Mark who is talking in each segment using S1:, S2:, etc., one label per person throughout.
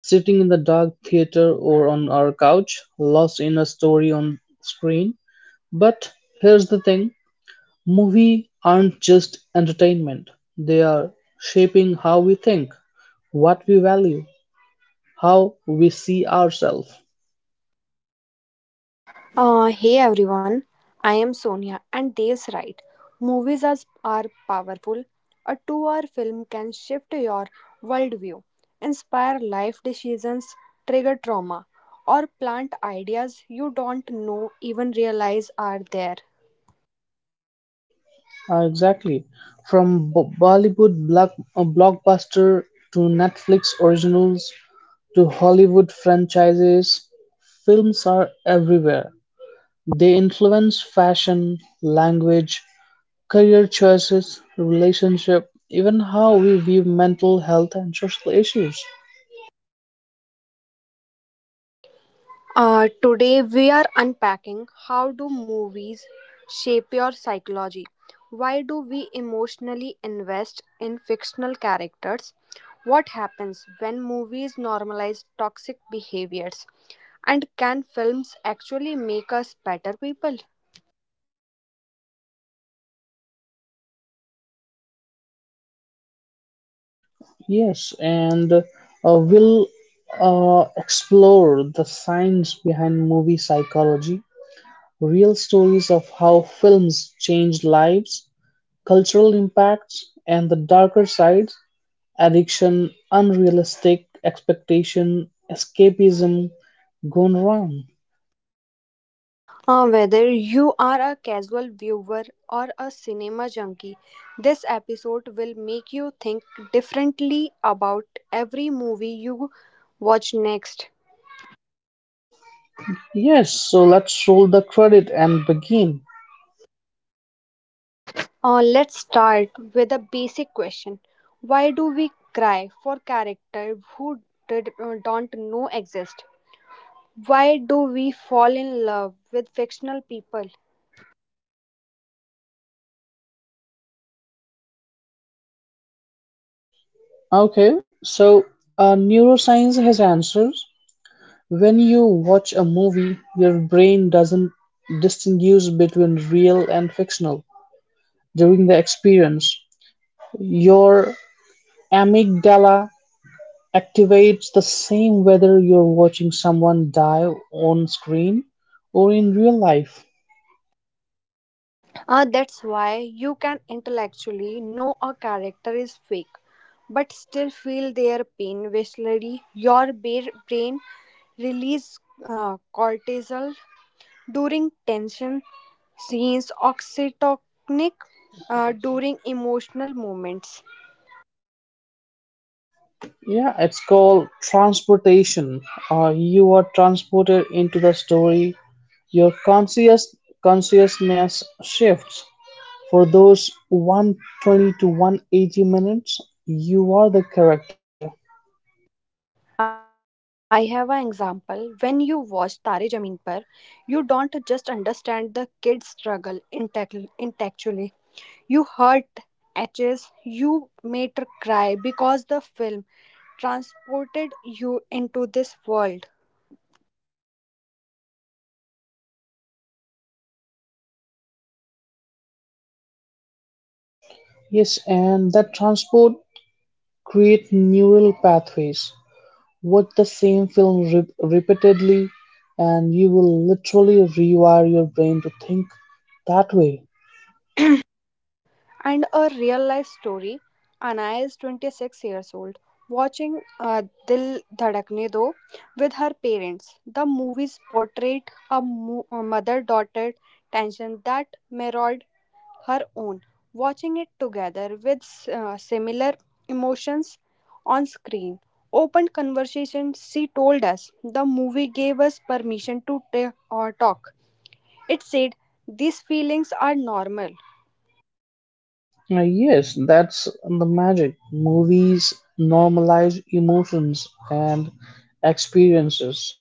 S1: sitting in the dark theater or on our couch, lost in a story on screen. But here's the thing: movies aren't just entertainment; they are shaping how we think, what we value, how we see ourselves.
S2: Hey everyone, I am Sonia, and Dev's right. Movies are powerful. A 2 hour film can shift your worldview, inspire life decisions, trigger trauma, or plant ideas you don't know even realize are there.
S1: Exactly. From blockbuster to Netflix originals to Hollywood franchises, films are everywhere. They influence fashion, language, career choices, relationship, even how we view mental health and social issues.
S2: Today we are unpacking, how do movies shape your psychology? Why do we emotionally invest in fictional characters? What happens when movies normalize toxic behaviors? And can films actually make us better people?
S1: Yes, and we'll explore the science behind movie psychology, real stories of how films change lives, cultural impacts and the darker sides: addiction, unrealistic expectation, escapism gone wrong.
S2: Whether you are a casual viewer or a cinema junkie, this episode will make you think differently about every movie you watch next.
S1: Yes, so let's roll the credit and begin.
S2: Let's start with a basic question. Why do we cry for characters who don't know exist? Why do we fall in love with fictional people?
S1: Okay, so neuroscience has answers. When you watch a movie, your brain doesn't distinguish between real and fictional during the experience. Your amygdala activates the same whether you're watching someone die on screen or in real life.
S2: That's why you can intellectually know a character is fake, but still feel their pain viscerally. Your brain release cortisol during tension scenes, oxytocinic during emotional moments.
S1: Yeah, it's called transportation. You are transported into the story. Your consciousness shifts. For those 120 to 180 minutes, you are the character.
S2: I have an example. When you watch Tare Zameen Par, you don't just understand the kid's struggle intellectually. You hurt edges, you made her cry because the film transported you into this world.
S1: Yes, and that transport create neural pathways. Watch the same film repeatedly, and you will literally rewire your brain to think that way.
S2: And a real life story. Anaya is 26 years old, watching Dil Dhadakne Do with her parents. The movies portrayed a mother daughter tension that mirrored her own. Watching it together with similar emotions on screen opened conversation. She told us the movie gave us permission to talk. It said these feelings are normal.
S1: Yes, that's the magic. Movies normalize emotions and experiences.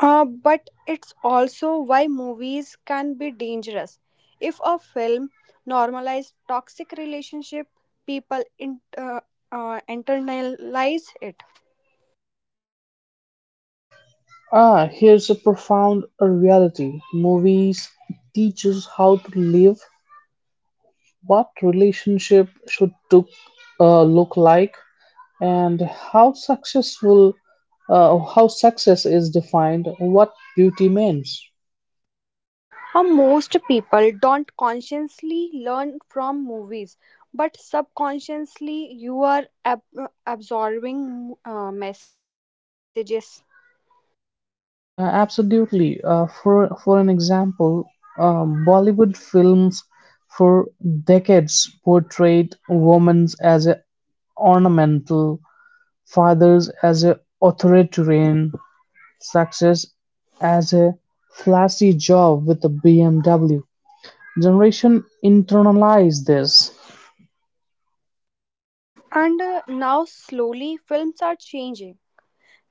S2: But it's also why movies can be dangerous. If a film normalizes toxic relationship, people internalize it.
S1: Ah, here's a profound reality. Movies teach us how to live, what relationship should look like, and how success is defined, what beauty means.
S2: Most people don't consciously learn from movies, but subconsciously you are absorbing messages.
S1: Absolutely, for an example, Bollywood films for decades portrayed women as a ornamental, fathers as a authoritarian, success as a flashy job with a BMW. Generation internalize this.
S2: And now slowly films are changing.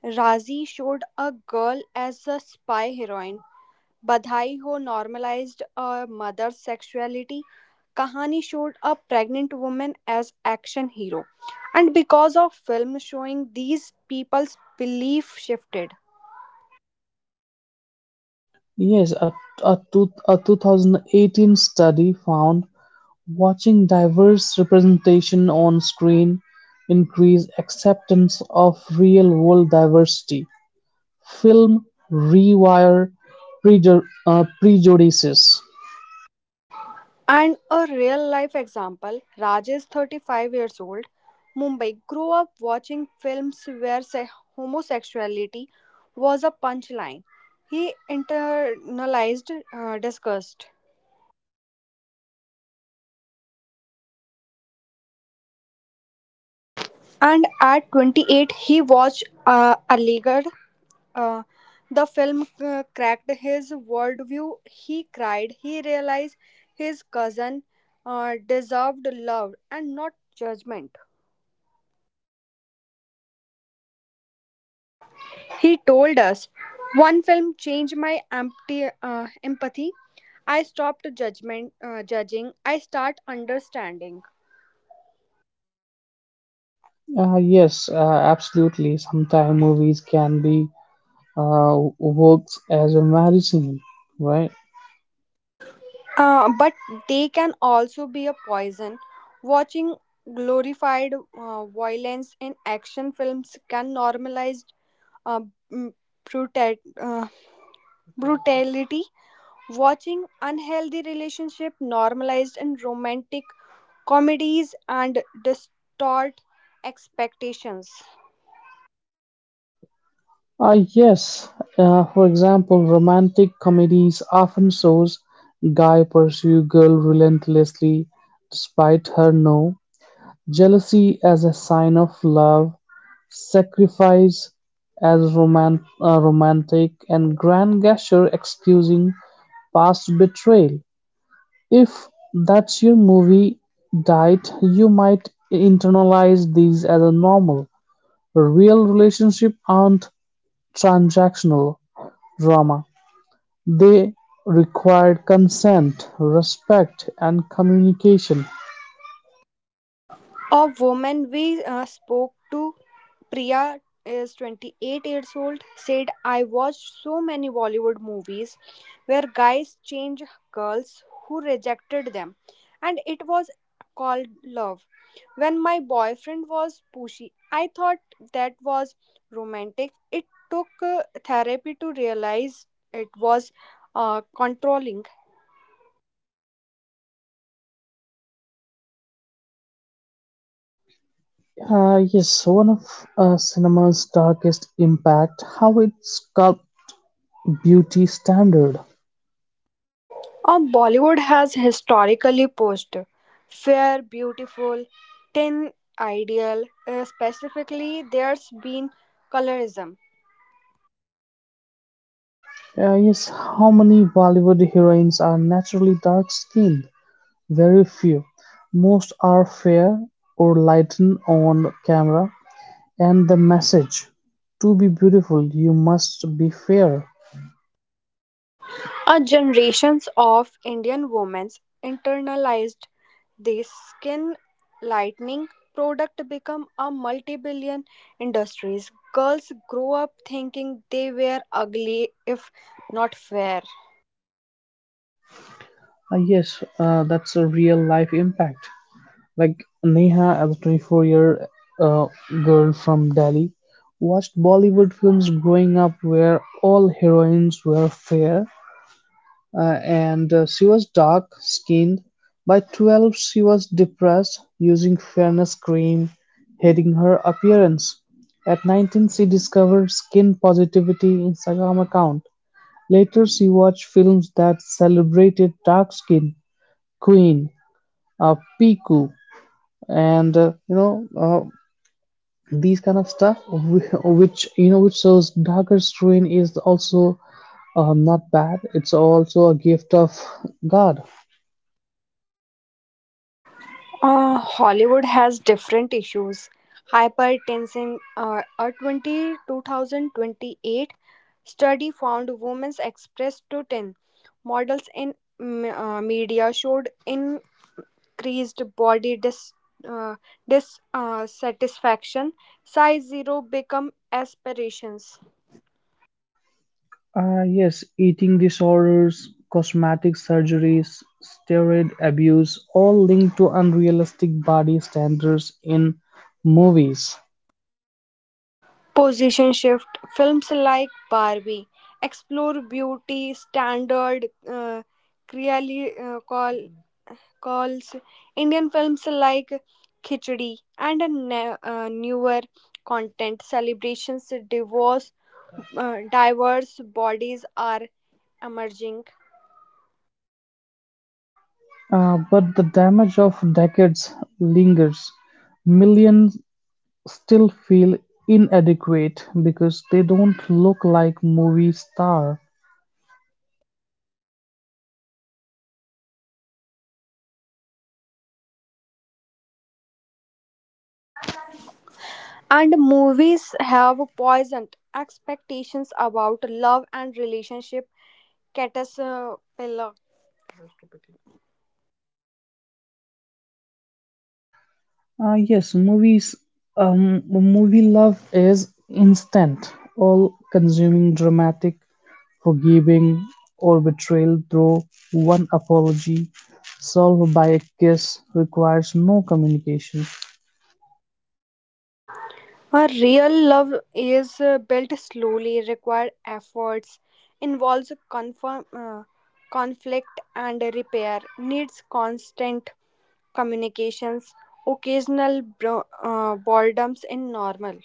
S2: Razi showed a girl as a spy heroine. Badhai Ho normalized a mother's sexuality. Kahani showed a pregnant woman as action hero. And because of films showing, these people's belief shifted.
S1: Yes, a 2018 study found watching diverse representation on screen increased acceptance of real world diversity. Film rewire prejudices.
S2: And a real life example, Raj is 35 years old, Mumbai, grew up watching films where homosexuality was a punchline. He internalized disgust. And at 28, he watched Aligarh. Uh, the film cracked his worldview. He cried. He realized his cousin deserved love and not judgment. He told us, "One film changed my empty empathy. I stopped judgment judging. I start understanding."
S1: Uh, yes, uh, Absolutely. Sometimes movies can be, works as a medicine, right?
S2: But they can also be a poison. Watching glorified violence in action films can normalize uh, m- bruta- uh, brutality, watching unhealthy relationship normalized in romantic comedies and distort expectations.
S1: Ah, yes. For example, romantic comedies often shows guy pursue girl relentlessly despite her no, jealousy as a sign of love, sacrifice as romantic, and grand gesture excusing past betrayal. If that's your movie diet, you might internalize these as a normal. Real relationship aren't transactional drama. They required consent, respect, and communication.
S2: A woman we spoke to, Priya, is 28 years old, said, I watched so many Bollywood movies where guys change girls who rejected them, and it was called love. When my boyfriend was pushy, I thought that was romantic. It took therapy to realize it was controlling.
S1: Yes, one of cinema's darkest impact, how it sculpted beauty standard.
S2: Bollywood has historically posed fair, beautiful, thin, ideal. Specifically, there's been colorism.
S1: Yes, how many Bollywood heroines are naturally dark-skinned? Very few. Most are fair or lightened on camera. And the message: to be beautiful, you must be fair.
S2: A generations of Indian women internalized this skin lightening product become a multi-billion industries. Girls grow up thinking they were ugly if not fair.
S1: Yes, that's a real-life impact. Like Neha, as a 24 year uh, girl from Delhi, watched Bollywood films growing up where all heroines were fair and she was dark skinned. By 12, she was depressed, using fairness cream, hating her appearance. At 19, she discovered skin positivity Instagram account. Later, she watched films that celebrated dark skin, Queen, Piku, and these kind of stuff which which shows darker strain is also not bad, it's also a gift of god.
S2: Hollywood has different issues. Hypertension, a 20-2028 study found women's expressed to 10 models in media showed increased body uh, dissatisfaction, size zero become aspirations.
S1: Yes, eating disorders, cosmetic surgeries, steroid abuse all linked to unrealistic body standards in movies.
S2: Position shift, films like Barbie explore beauty standard, clearly call. Calls Indian films like Khichdi, and a newer content celebrations divorce diverse bodies are emerging.
S1: Uh, but the damage of decades lingers. Millions still feel inadequate because they don't look like movie star.
S2: And movies have poisoned expectations about love and relationship caterpillar.
S1: Yes, movies, movie love is instant, all consuming, dramatic, forgiving, or betrayal through one apology, solved by a kiss, requires no communication.
S2: A real love is built slowly, require efforts, involves conflict and repair, needs constant communications, occasional boredoms in normal.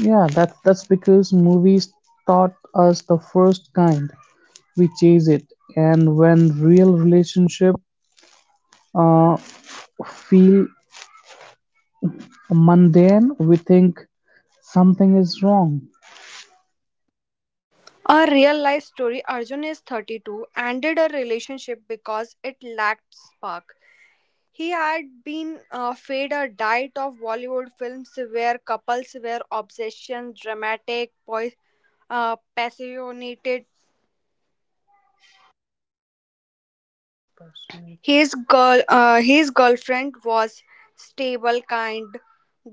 S1: Yeah, that's because movies taught us the first kind. We chase it, and when real relationship uh, feel mundane, we think something is wrong.
S2: A real life story, Arjun is 32, ended a relationship because it lacked spark. He had been fed a diet of Bollywood films where couples were obsession, dramatic, passionate. His girlfriend was stable, kind,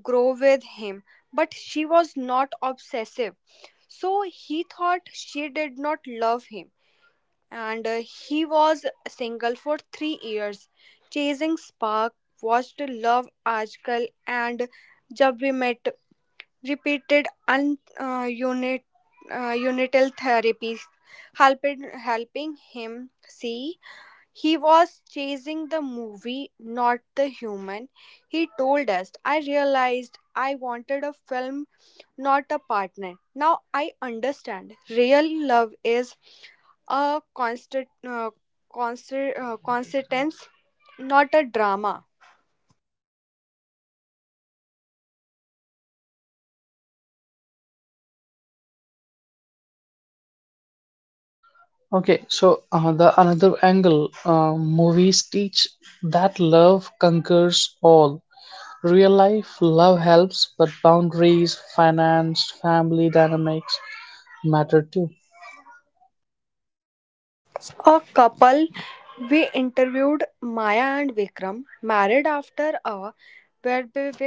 S2: grow with him, but she was not obsessive. So he thought she did not love him, and he was single for 3 years. Chasing Spark, watched Love Article and Jab We Met repeated unital therapies, helping him see he was chasing the movie, not the human. He told us, I realized I wanted a film not a partner. Now I understand. Real love is a constance, not a drama.
S1: Okay, so the another angle, movies teach that love conquers all. Real life, love helps, but boundaries, finance, family dynamics matter too.
S2: A couple we interviewed, Maya and Vikram, married after a well-built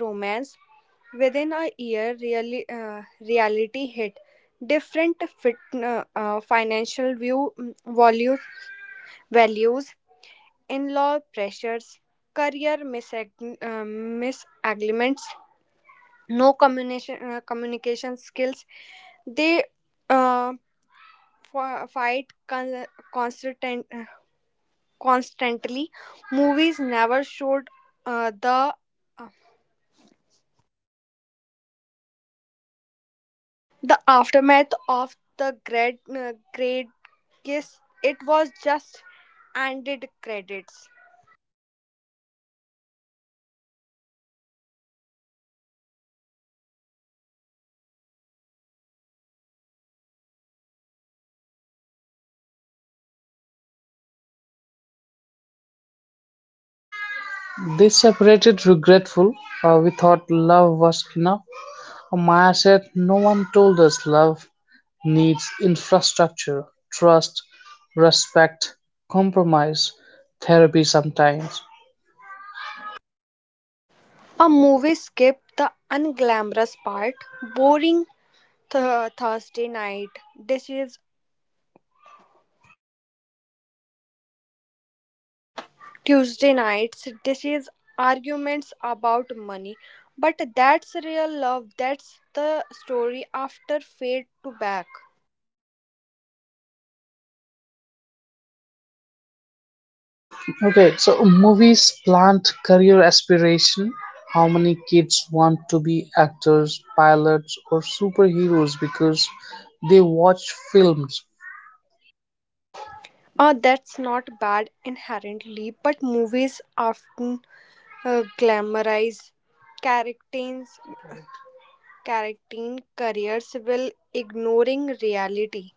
S2: romance. Within a year, reality hit. Different financial view, values, values, in law pressures, career misalignments, no communication skills. They uh, f- fight con- constant- constantly. Movies never showed uh, the uh, the aftermath of the great kiss. It was just ended credits.
S1: They separated regretful. We thought love was enough. Maya said, "No one told us love needs infrastructure, trust, respect, compromise, therapy sometimes."
S2: A movie skipped the unglamorous part, boring Thursday night dishes, Tuesday nights dishes, arguments about money. But that's real love. That's the story after fade to back.
S1: Okay, so movies plant career aspiration. How many kids want to be actors, pilots, or superheroes because they watch films?
S2: That's not bad inherently, but movies often glamorize characters' character careers while ignoring reality.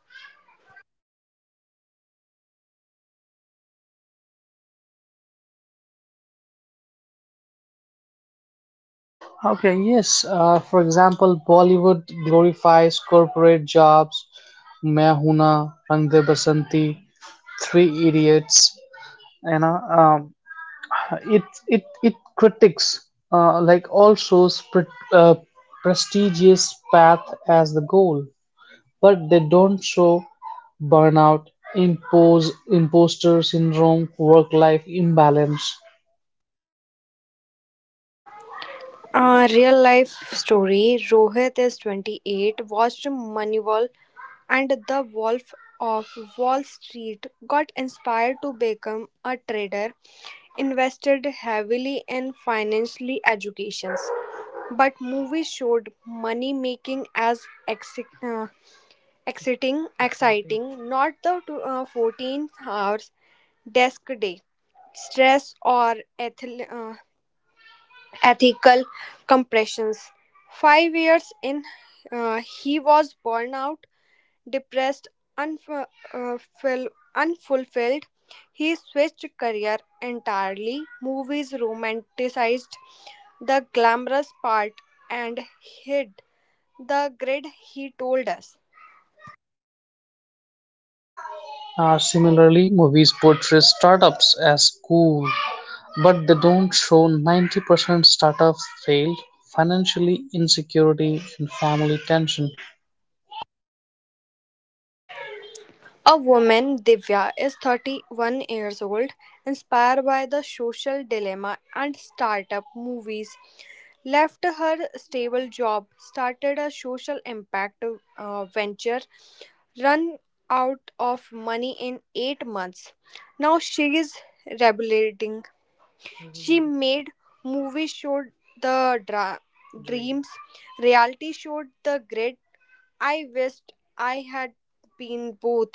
S1: Okay, yes. For example, Bollywood glorifies corporate jobs. मैं हूं ना, रंग दे बसंती, three idiots, you know, um, it it it critics like, all shows prestigious path as the goal, but they don't show burnout, imposter syndrome, work life imbalance.
S2: A real life story, Rohit is 28, watched Moneyball and The Wolf of Wall Street, got inspired to become a trader, invested heavily in financial educations. But movies showed money making as exi- uh, exciting, not the 14 hours desk day, stress, or ethical compressions. 5 years in, he was burnt out, depressed, unfu- uh, fill- unfulfilled. He switched career entirely. Movies romanticized the glamorous part and hid the grid, he told us.
S1: Similarly, movies portray startups as cool, but they don't show 90% startups failed, financially insecurity, and family tension.
S2: A woman, Divya, is 31 years old, inspired by the social dilemma and startup movies. Left her stable job, started a social impact venture, run out of money in 8 months. Now she is rebelling. She made movies showed the dreams, reality showed the grit. I wished I had been both.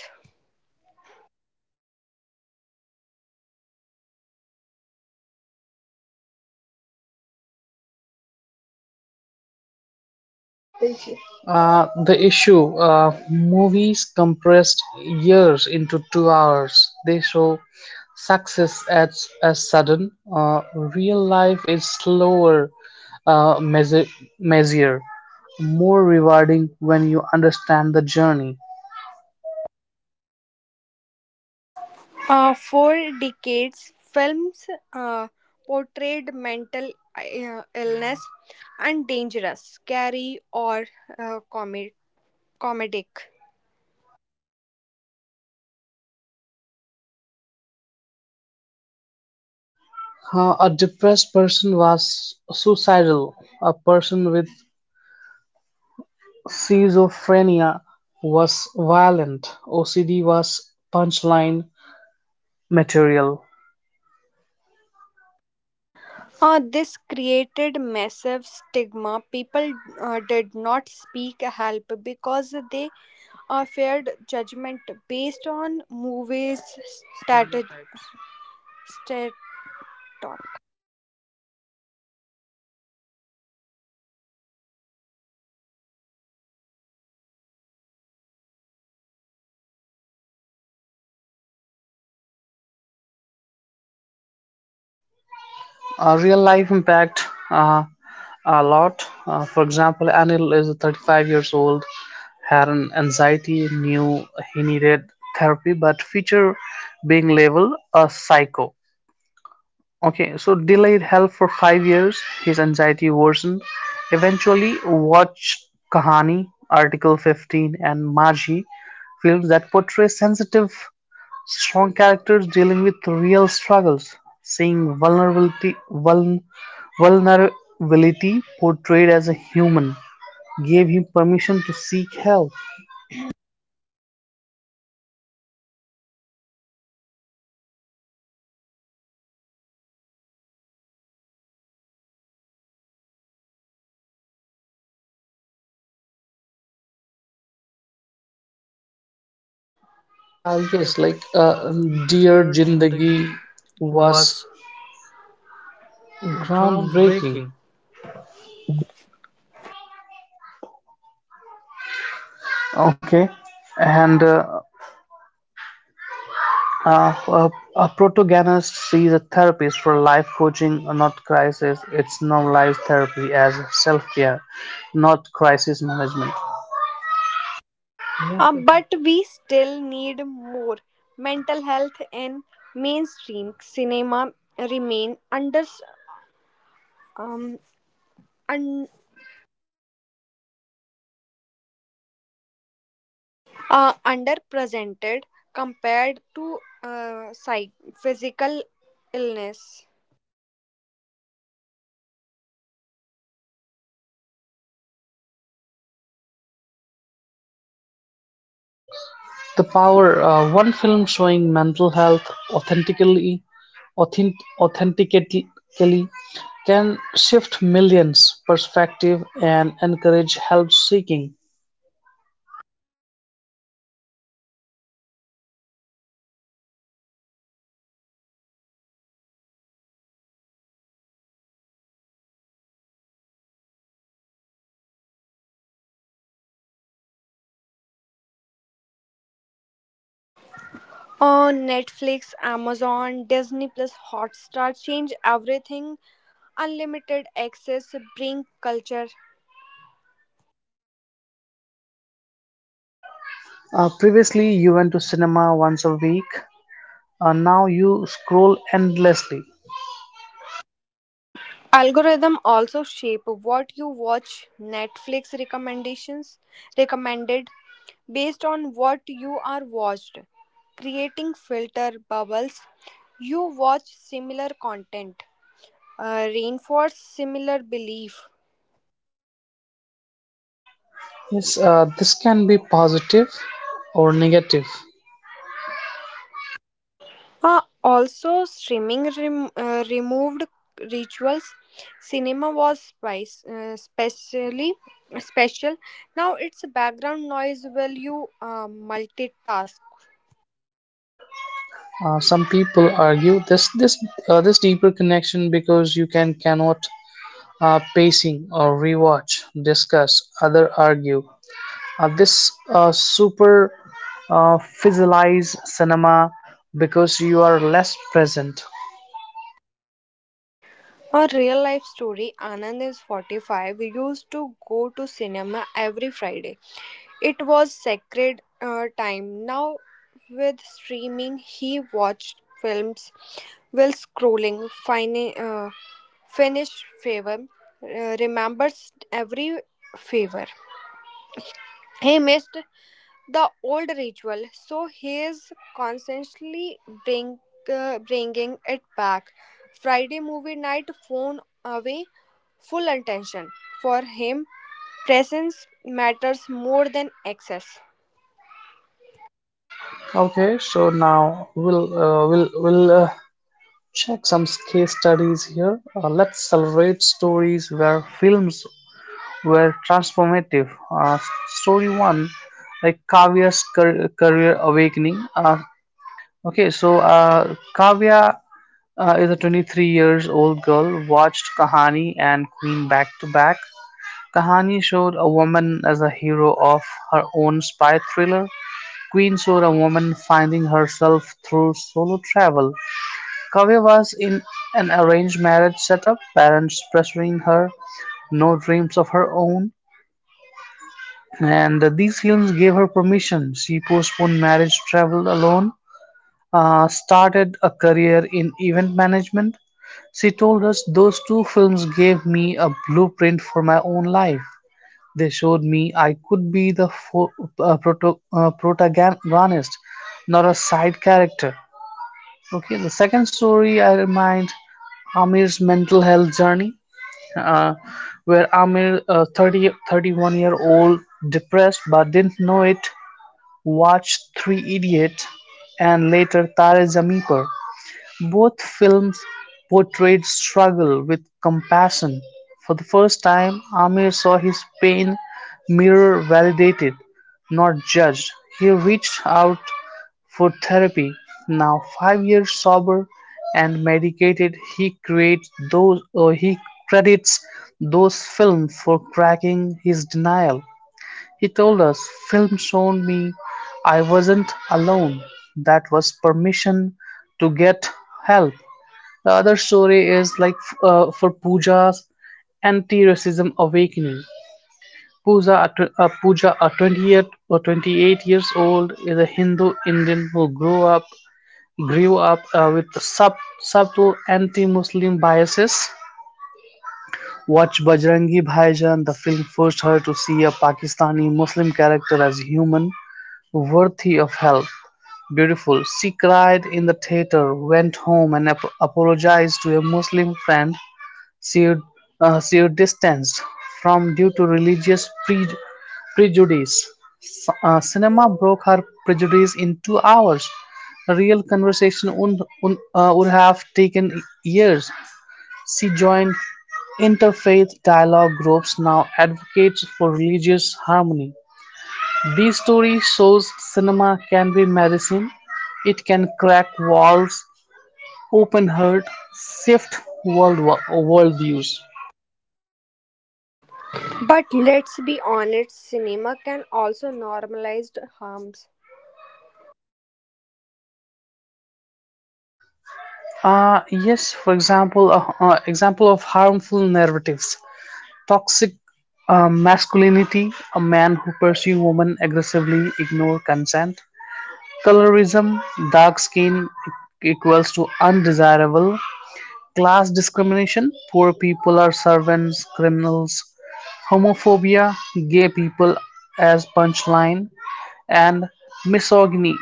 S1: The issue: movies compressed years into 2 hours. They show success as, sudden. Real life is slower, uh, measure, measure, more rewarding when you understand the journey.
S2: For decades, films uh, portrayed mental illness and dangerous, scary, or uh, comi- comedic.
S1: A depressed person was suicidal. A person with schizophrenia was violent. OCD was punchline material.
S2: This created massive stigma. People did not seek help because they feared judgment based on movies' status. Stat-
S1: Real life impact a lot. For example, Anil is 35 years old, had an anxiety, knew he needed therapy, but feature being labeled a psycho. Okay, so delayed help for 5 years, his anxiety worsened. Eventually, watch Kahani, Article 15, and Maji, films that portray sensitive strong characters dealing with real struggles. Seeing vulnerability, vulnerability portrayed as a human, gave him permission to seek help.
S2: Uh,
S1: Yes,
S2: yes,
S1: like
S2: like uh,
S1: Dear
S2: Dear
S1: Jindagi
S2: Jindagi
S1: was
S2: was
S1: groundbreaking.
S2: groundbreaking.
S1: Okay, and uh, a, a protagonist sees a therapist for life coaching, not crisis. It's normalized therapy as self care, not crisis management.
S2: But we still need more. Mental health in mainstream cinema remain um, un, underrepresented compared to physical illness.
S1: The power: one film showing mental health authentically can shift millions' perspective and encourage help seeking.
S2: On Netflix, Amazon, Disney Plus, Hotstar change everything. Unlimited access bring culture.
S1: Previously you went to cinema once a week. Now you scroll endlessly.
S2: Algorithm also shape what you watch. Netflix recommendations recommended based on what you are watched, creating filter bubbles. You watch similar content, reinforce similar belief.
S1: Yes, this can be positive or negative.
S2: Also, streaming removed rituals. Cinema was specially special. Now it's background noise while you multitask.
S1: Some people argue this deeper connection because you can cannot pacing or rewatch, discuss, other argue. This super physicalize cinema because you are less present.
S2: A real life story, Anand is 45, used to go to cinema every Friday. It was sacred time. Now, with streaming, he watched films while scrolling, finished favor, remembers every favor. He missed the old ritual, so he is constantly bring, bringing it back. Friday movie night, phone away, full attention. For him, presence matters more than access.
S1: Okay, so now we'll check some case studies here. Let's celebrate stories where films were transformative. Story one, like Kavya's career awakening. Okay, so Kavya is a 23 years old girl, watched Kahani and Queen back to back. Kahani showed a woman as a hero of her own spy thriller. Queen showed a woman finding herself through solo travel. Kavya was in an arranged marriage setup, parents pressuring her, no dreams of her own. And these films gave her permission. She postponed marriage, traveled alone, started a career in event management. She told us, "Those two films gave me a blueprint for my own life. They showed me I could be the protagonist, not a side character." Okay, the second story I remind, Amir's mental health journey, uh, where Amir, a 31-year-old, depressed but didn't know it, watched Three Idiots and later Tare Zameen Par, both films portrayed struggle with compassion. For the first time, Amir saw his pain mirror validated, not judged. He reached out for therapy. Now, 5 years sober and medicated, he credits those films for cracking his denial. He told us, "Film showed me I wasn't alone. That was permission to get help." The other story is like for Pooja's anti racism awakening. Pooja, a 28 years old, is a Hindu Indian who grew up with subtle anti-Muslim biases. Watch Bajrangi Bhaijan, the film forced her to see a Pakistani Muslim character as human, worthy of help, beautiful. She cried in the theater, went home and apologized to a Muslim friend she, she distanced from due to religious prejudice. Cinema broke her prejudice in 2 hours. A real conversation would have taken years. She joined interfaith dialogue groups, now advocates for religious harmony. This story shows cinema can be medicine. It can crack walls, open heart, shift worldviews.
S2: But let's be honest, cinema can also normalize harms.
S1: Yes, for example, example of harmful narratives: toxic masculinity, a man who pursue women aggressively, ignore consent; colorism, dark skin e- equals to undesirable; class discrimination, poor people are servants, criminals; homophobia, gay people as punchline; and misogyny,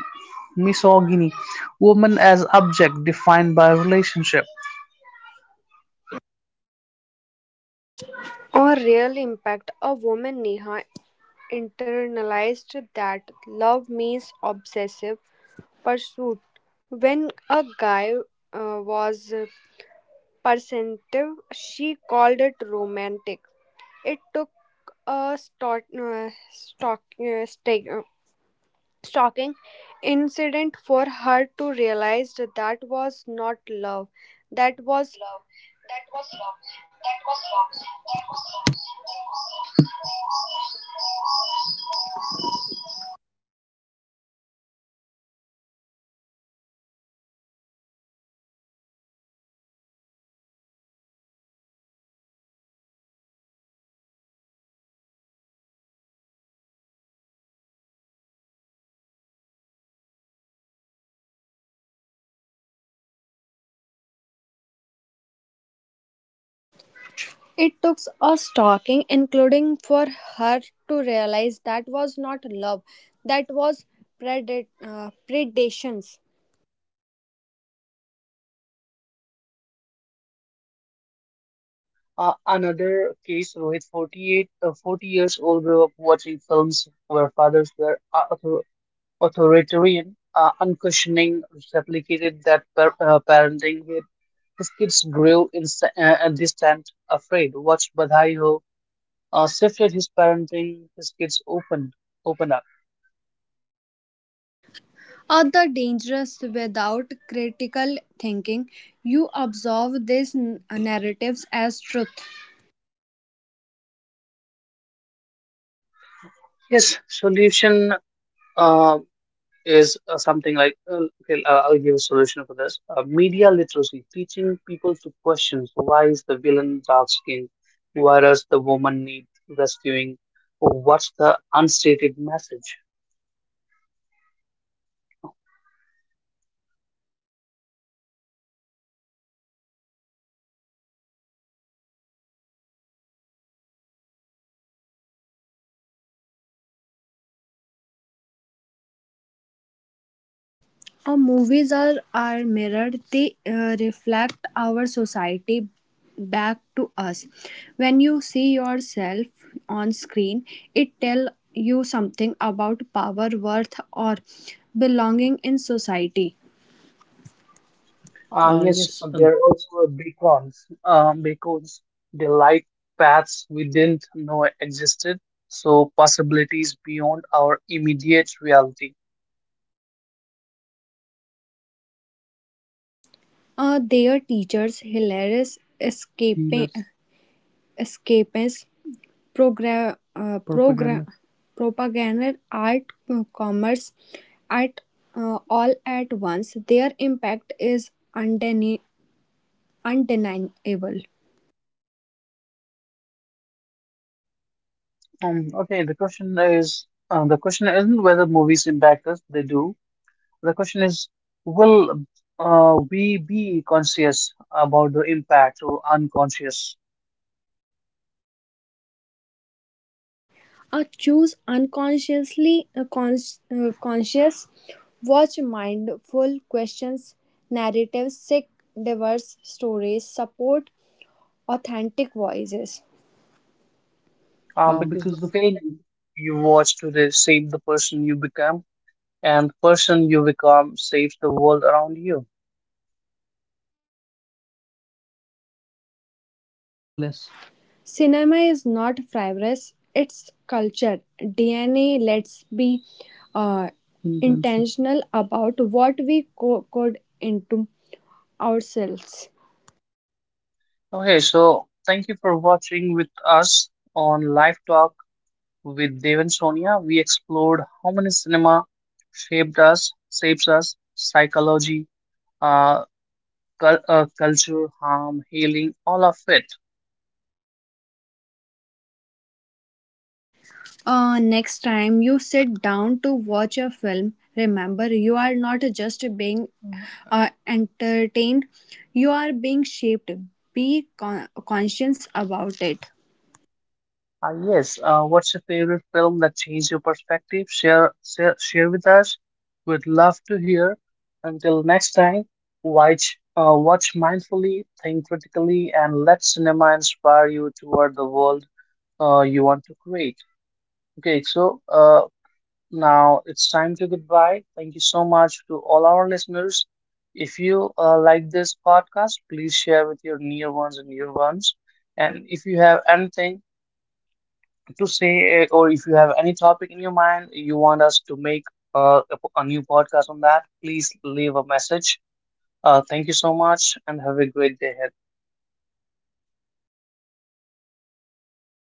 S1: misogyny, woman as object defined by relationship.
S2: On Real Impact, a woman Neha internalized that love means obsessive pursuit. When a guy was perceptive, she called it romantic. It took a shocking incident for her to realize that that was not love, that was, it took a stalking including for her to realize that was not love, that was predations.
S1: So, another case, Rohit, 40 years old, grew up watching films where fathers were uh, author- authoritarian, unquestioning, replicated that parenting with his kids, grew insta distant, afraid. Watch Badhai Ho shifted his parenting, his kids open up.
S2: Other dangerous, without critical thinking you absorb these narratives as truth.
S1: Yes, solution uh, is something like okay, I'll give a solution for this. Media literacy, teaching people to question: why is the villain dark skinned, why does the woman need rescuing, what's the unstated message?
S2: Our movies are our mirror. They reflect our society back to us. When you see yourself on screen, it tells you something about power, worth, or belonging in society.
S1: Yes, they're also
S2: Uh,
S1: big
S2: yes, uh,
S1: ones, because they light paths we didn't know existed, so possibilities beyond our immediate reality.
S2: Their teachers, hilarious escaping yes. Program, program, propaganda. Propaganda, art, commerce, at all at once, their impact is undeniable.
S1: Um, okay, the question is the question isn't whether movies impact us, they do. The question is, will we be conscious about the impact or unconscious?
S2: A choose unconsciously conscious, watch mindful questions, narratives, sick diverse stories, support authentic voices.
S1: Because the film you
S2: Because the
S1: watch today shape the person you become, and the person you become shapes the world around you.
S2: Frivolous. Cinema is not frivolous, it's culture. DNA, let's be uh, intentional about what we code into ourselves.
S1: Okay, so thank you for watching with us on Live Talk with Dev and Sonia. We explored how many cinema shapes us, psychology, uh, culture, harm, healing, all of it.
S2: Next time you sit down to watch a film, remember you are not just being entertained, you are being shaped. Be conscious about it.
S1: Ah, yes, what's your favorite film that changed your perspective? Share with us. We'd love to hear. Until next time, watch mindfully, think critically, and let cinema inspire you toward the world you want to create. Okay, so now it's time to goodbye. Thank you so much to all our listeners. If you like this podcast, please share with your near ones and dear ones. And if you have anything to say, eh, or if you have any topic in your mind you want us to make a new podcast on that, please leave a message. Thank you so much and have a great day ahead.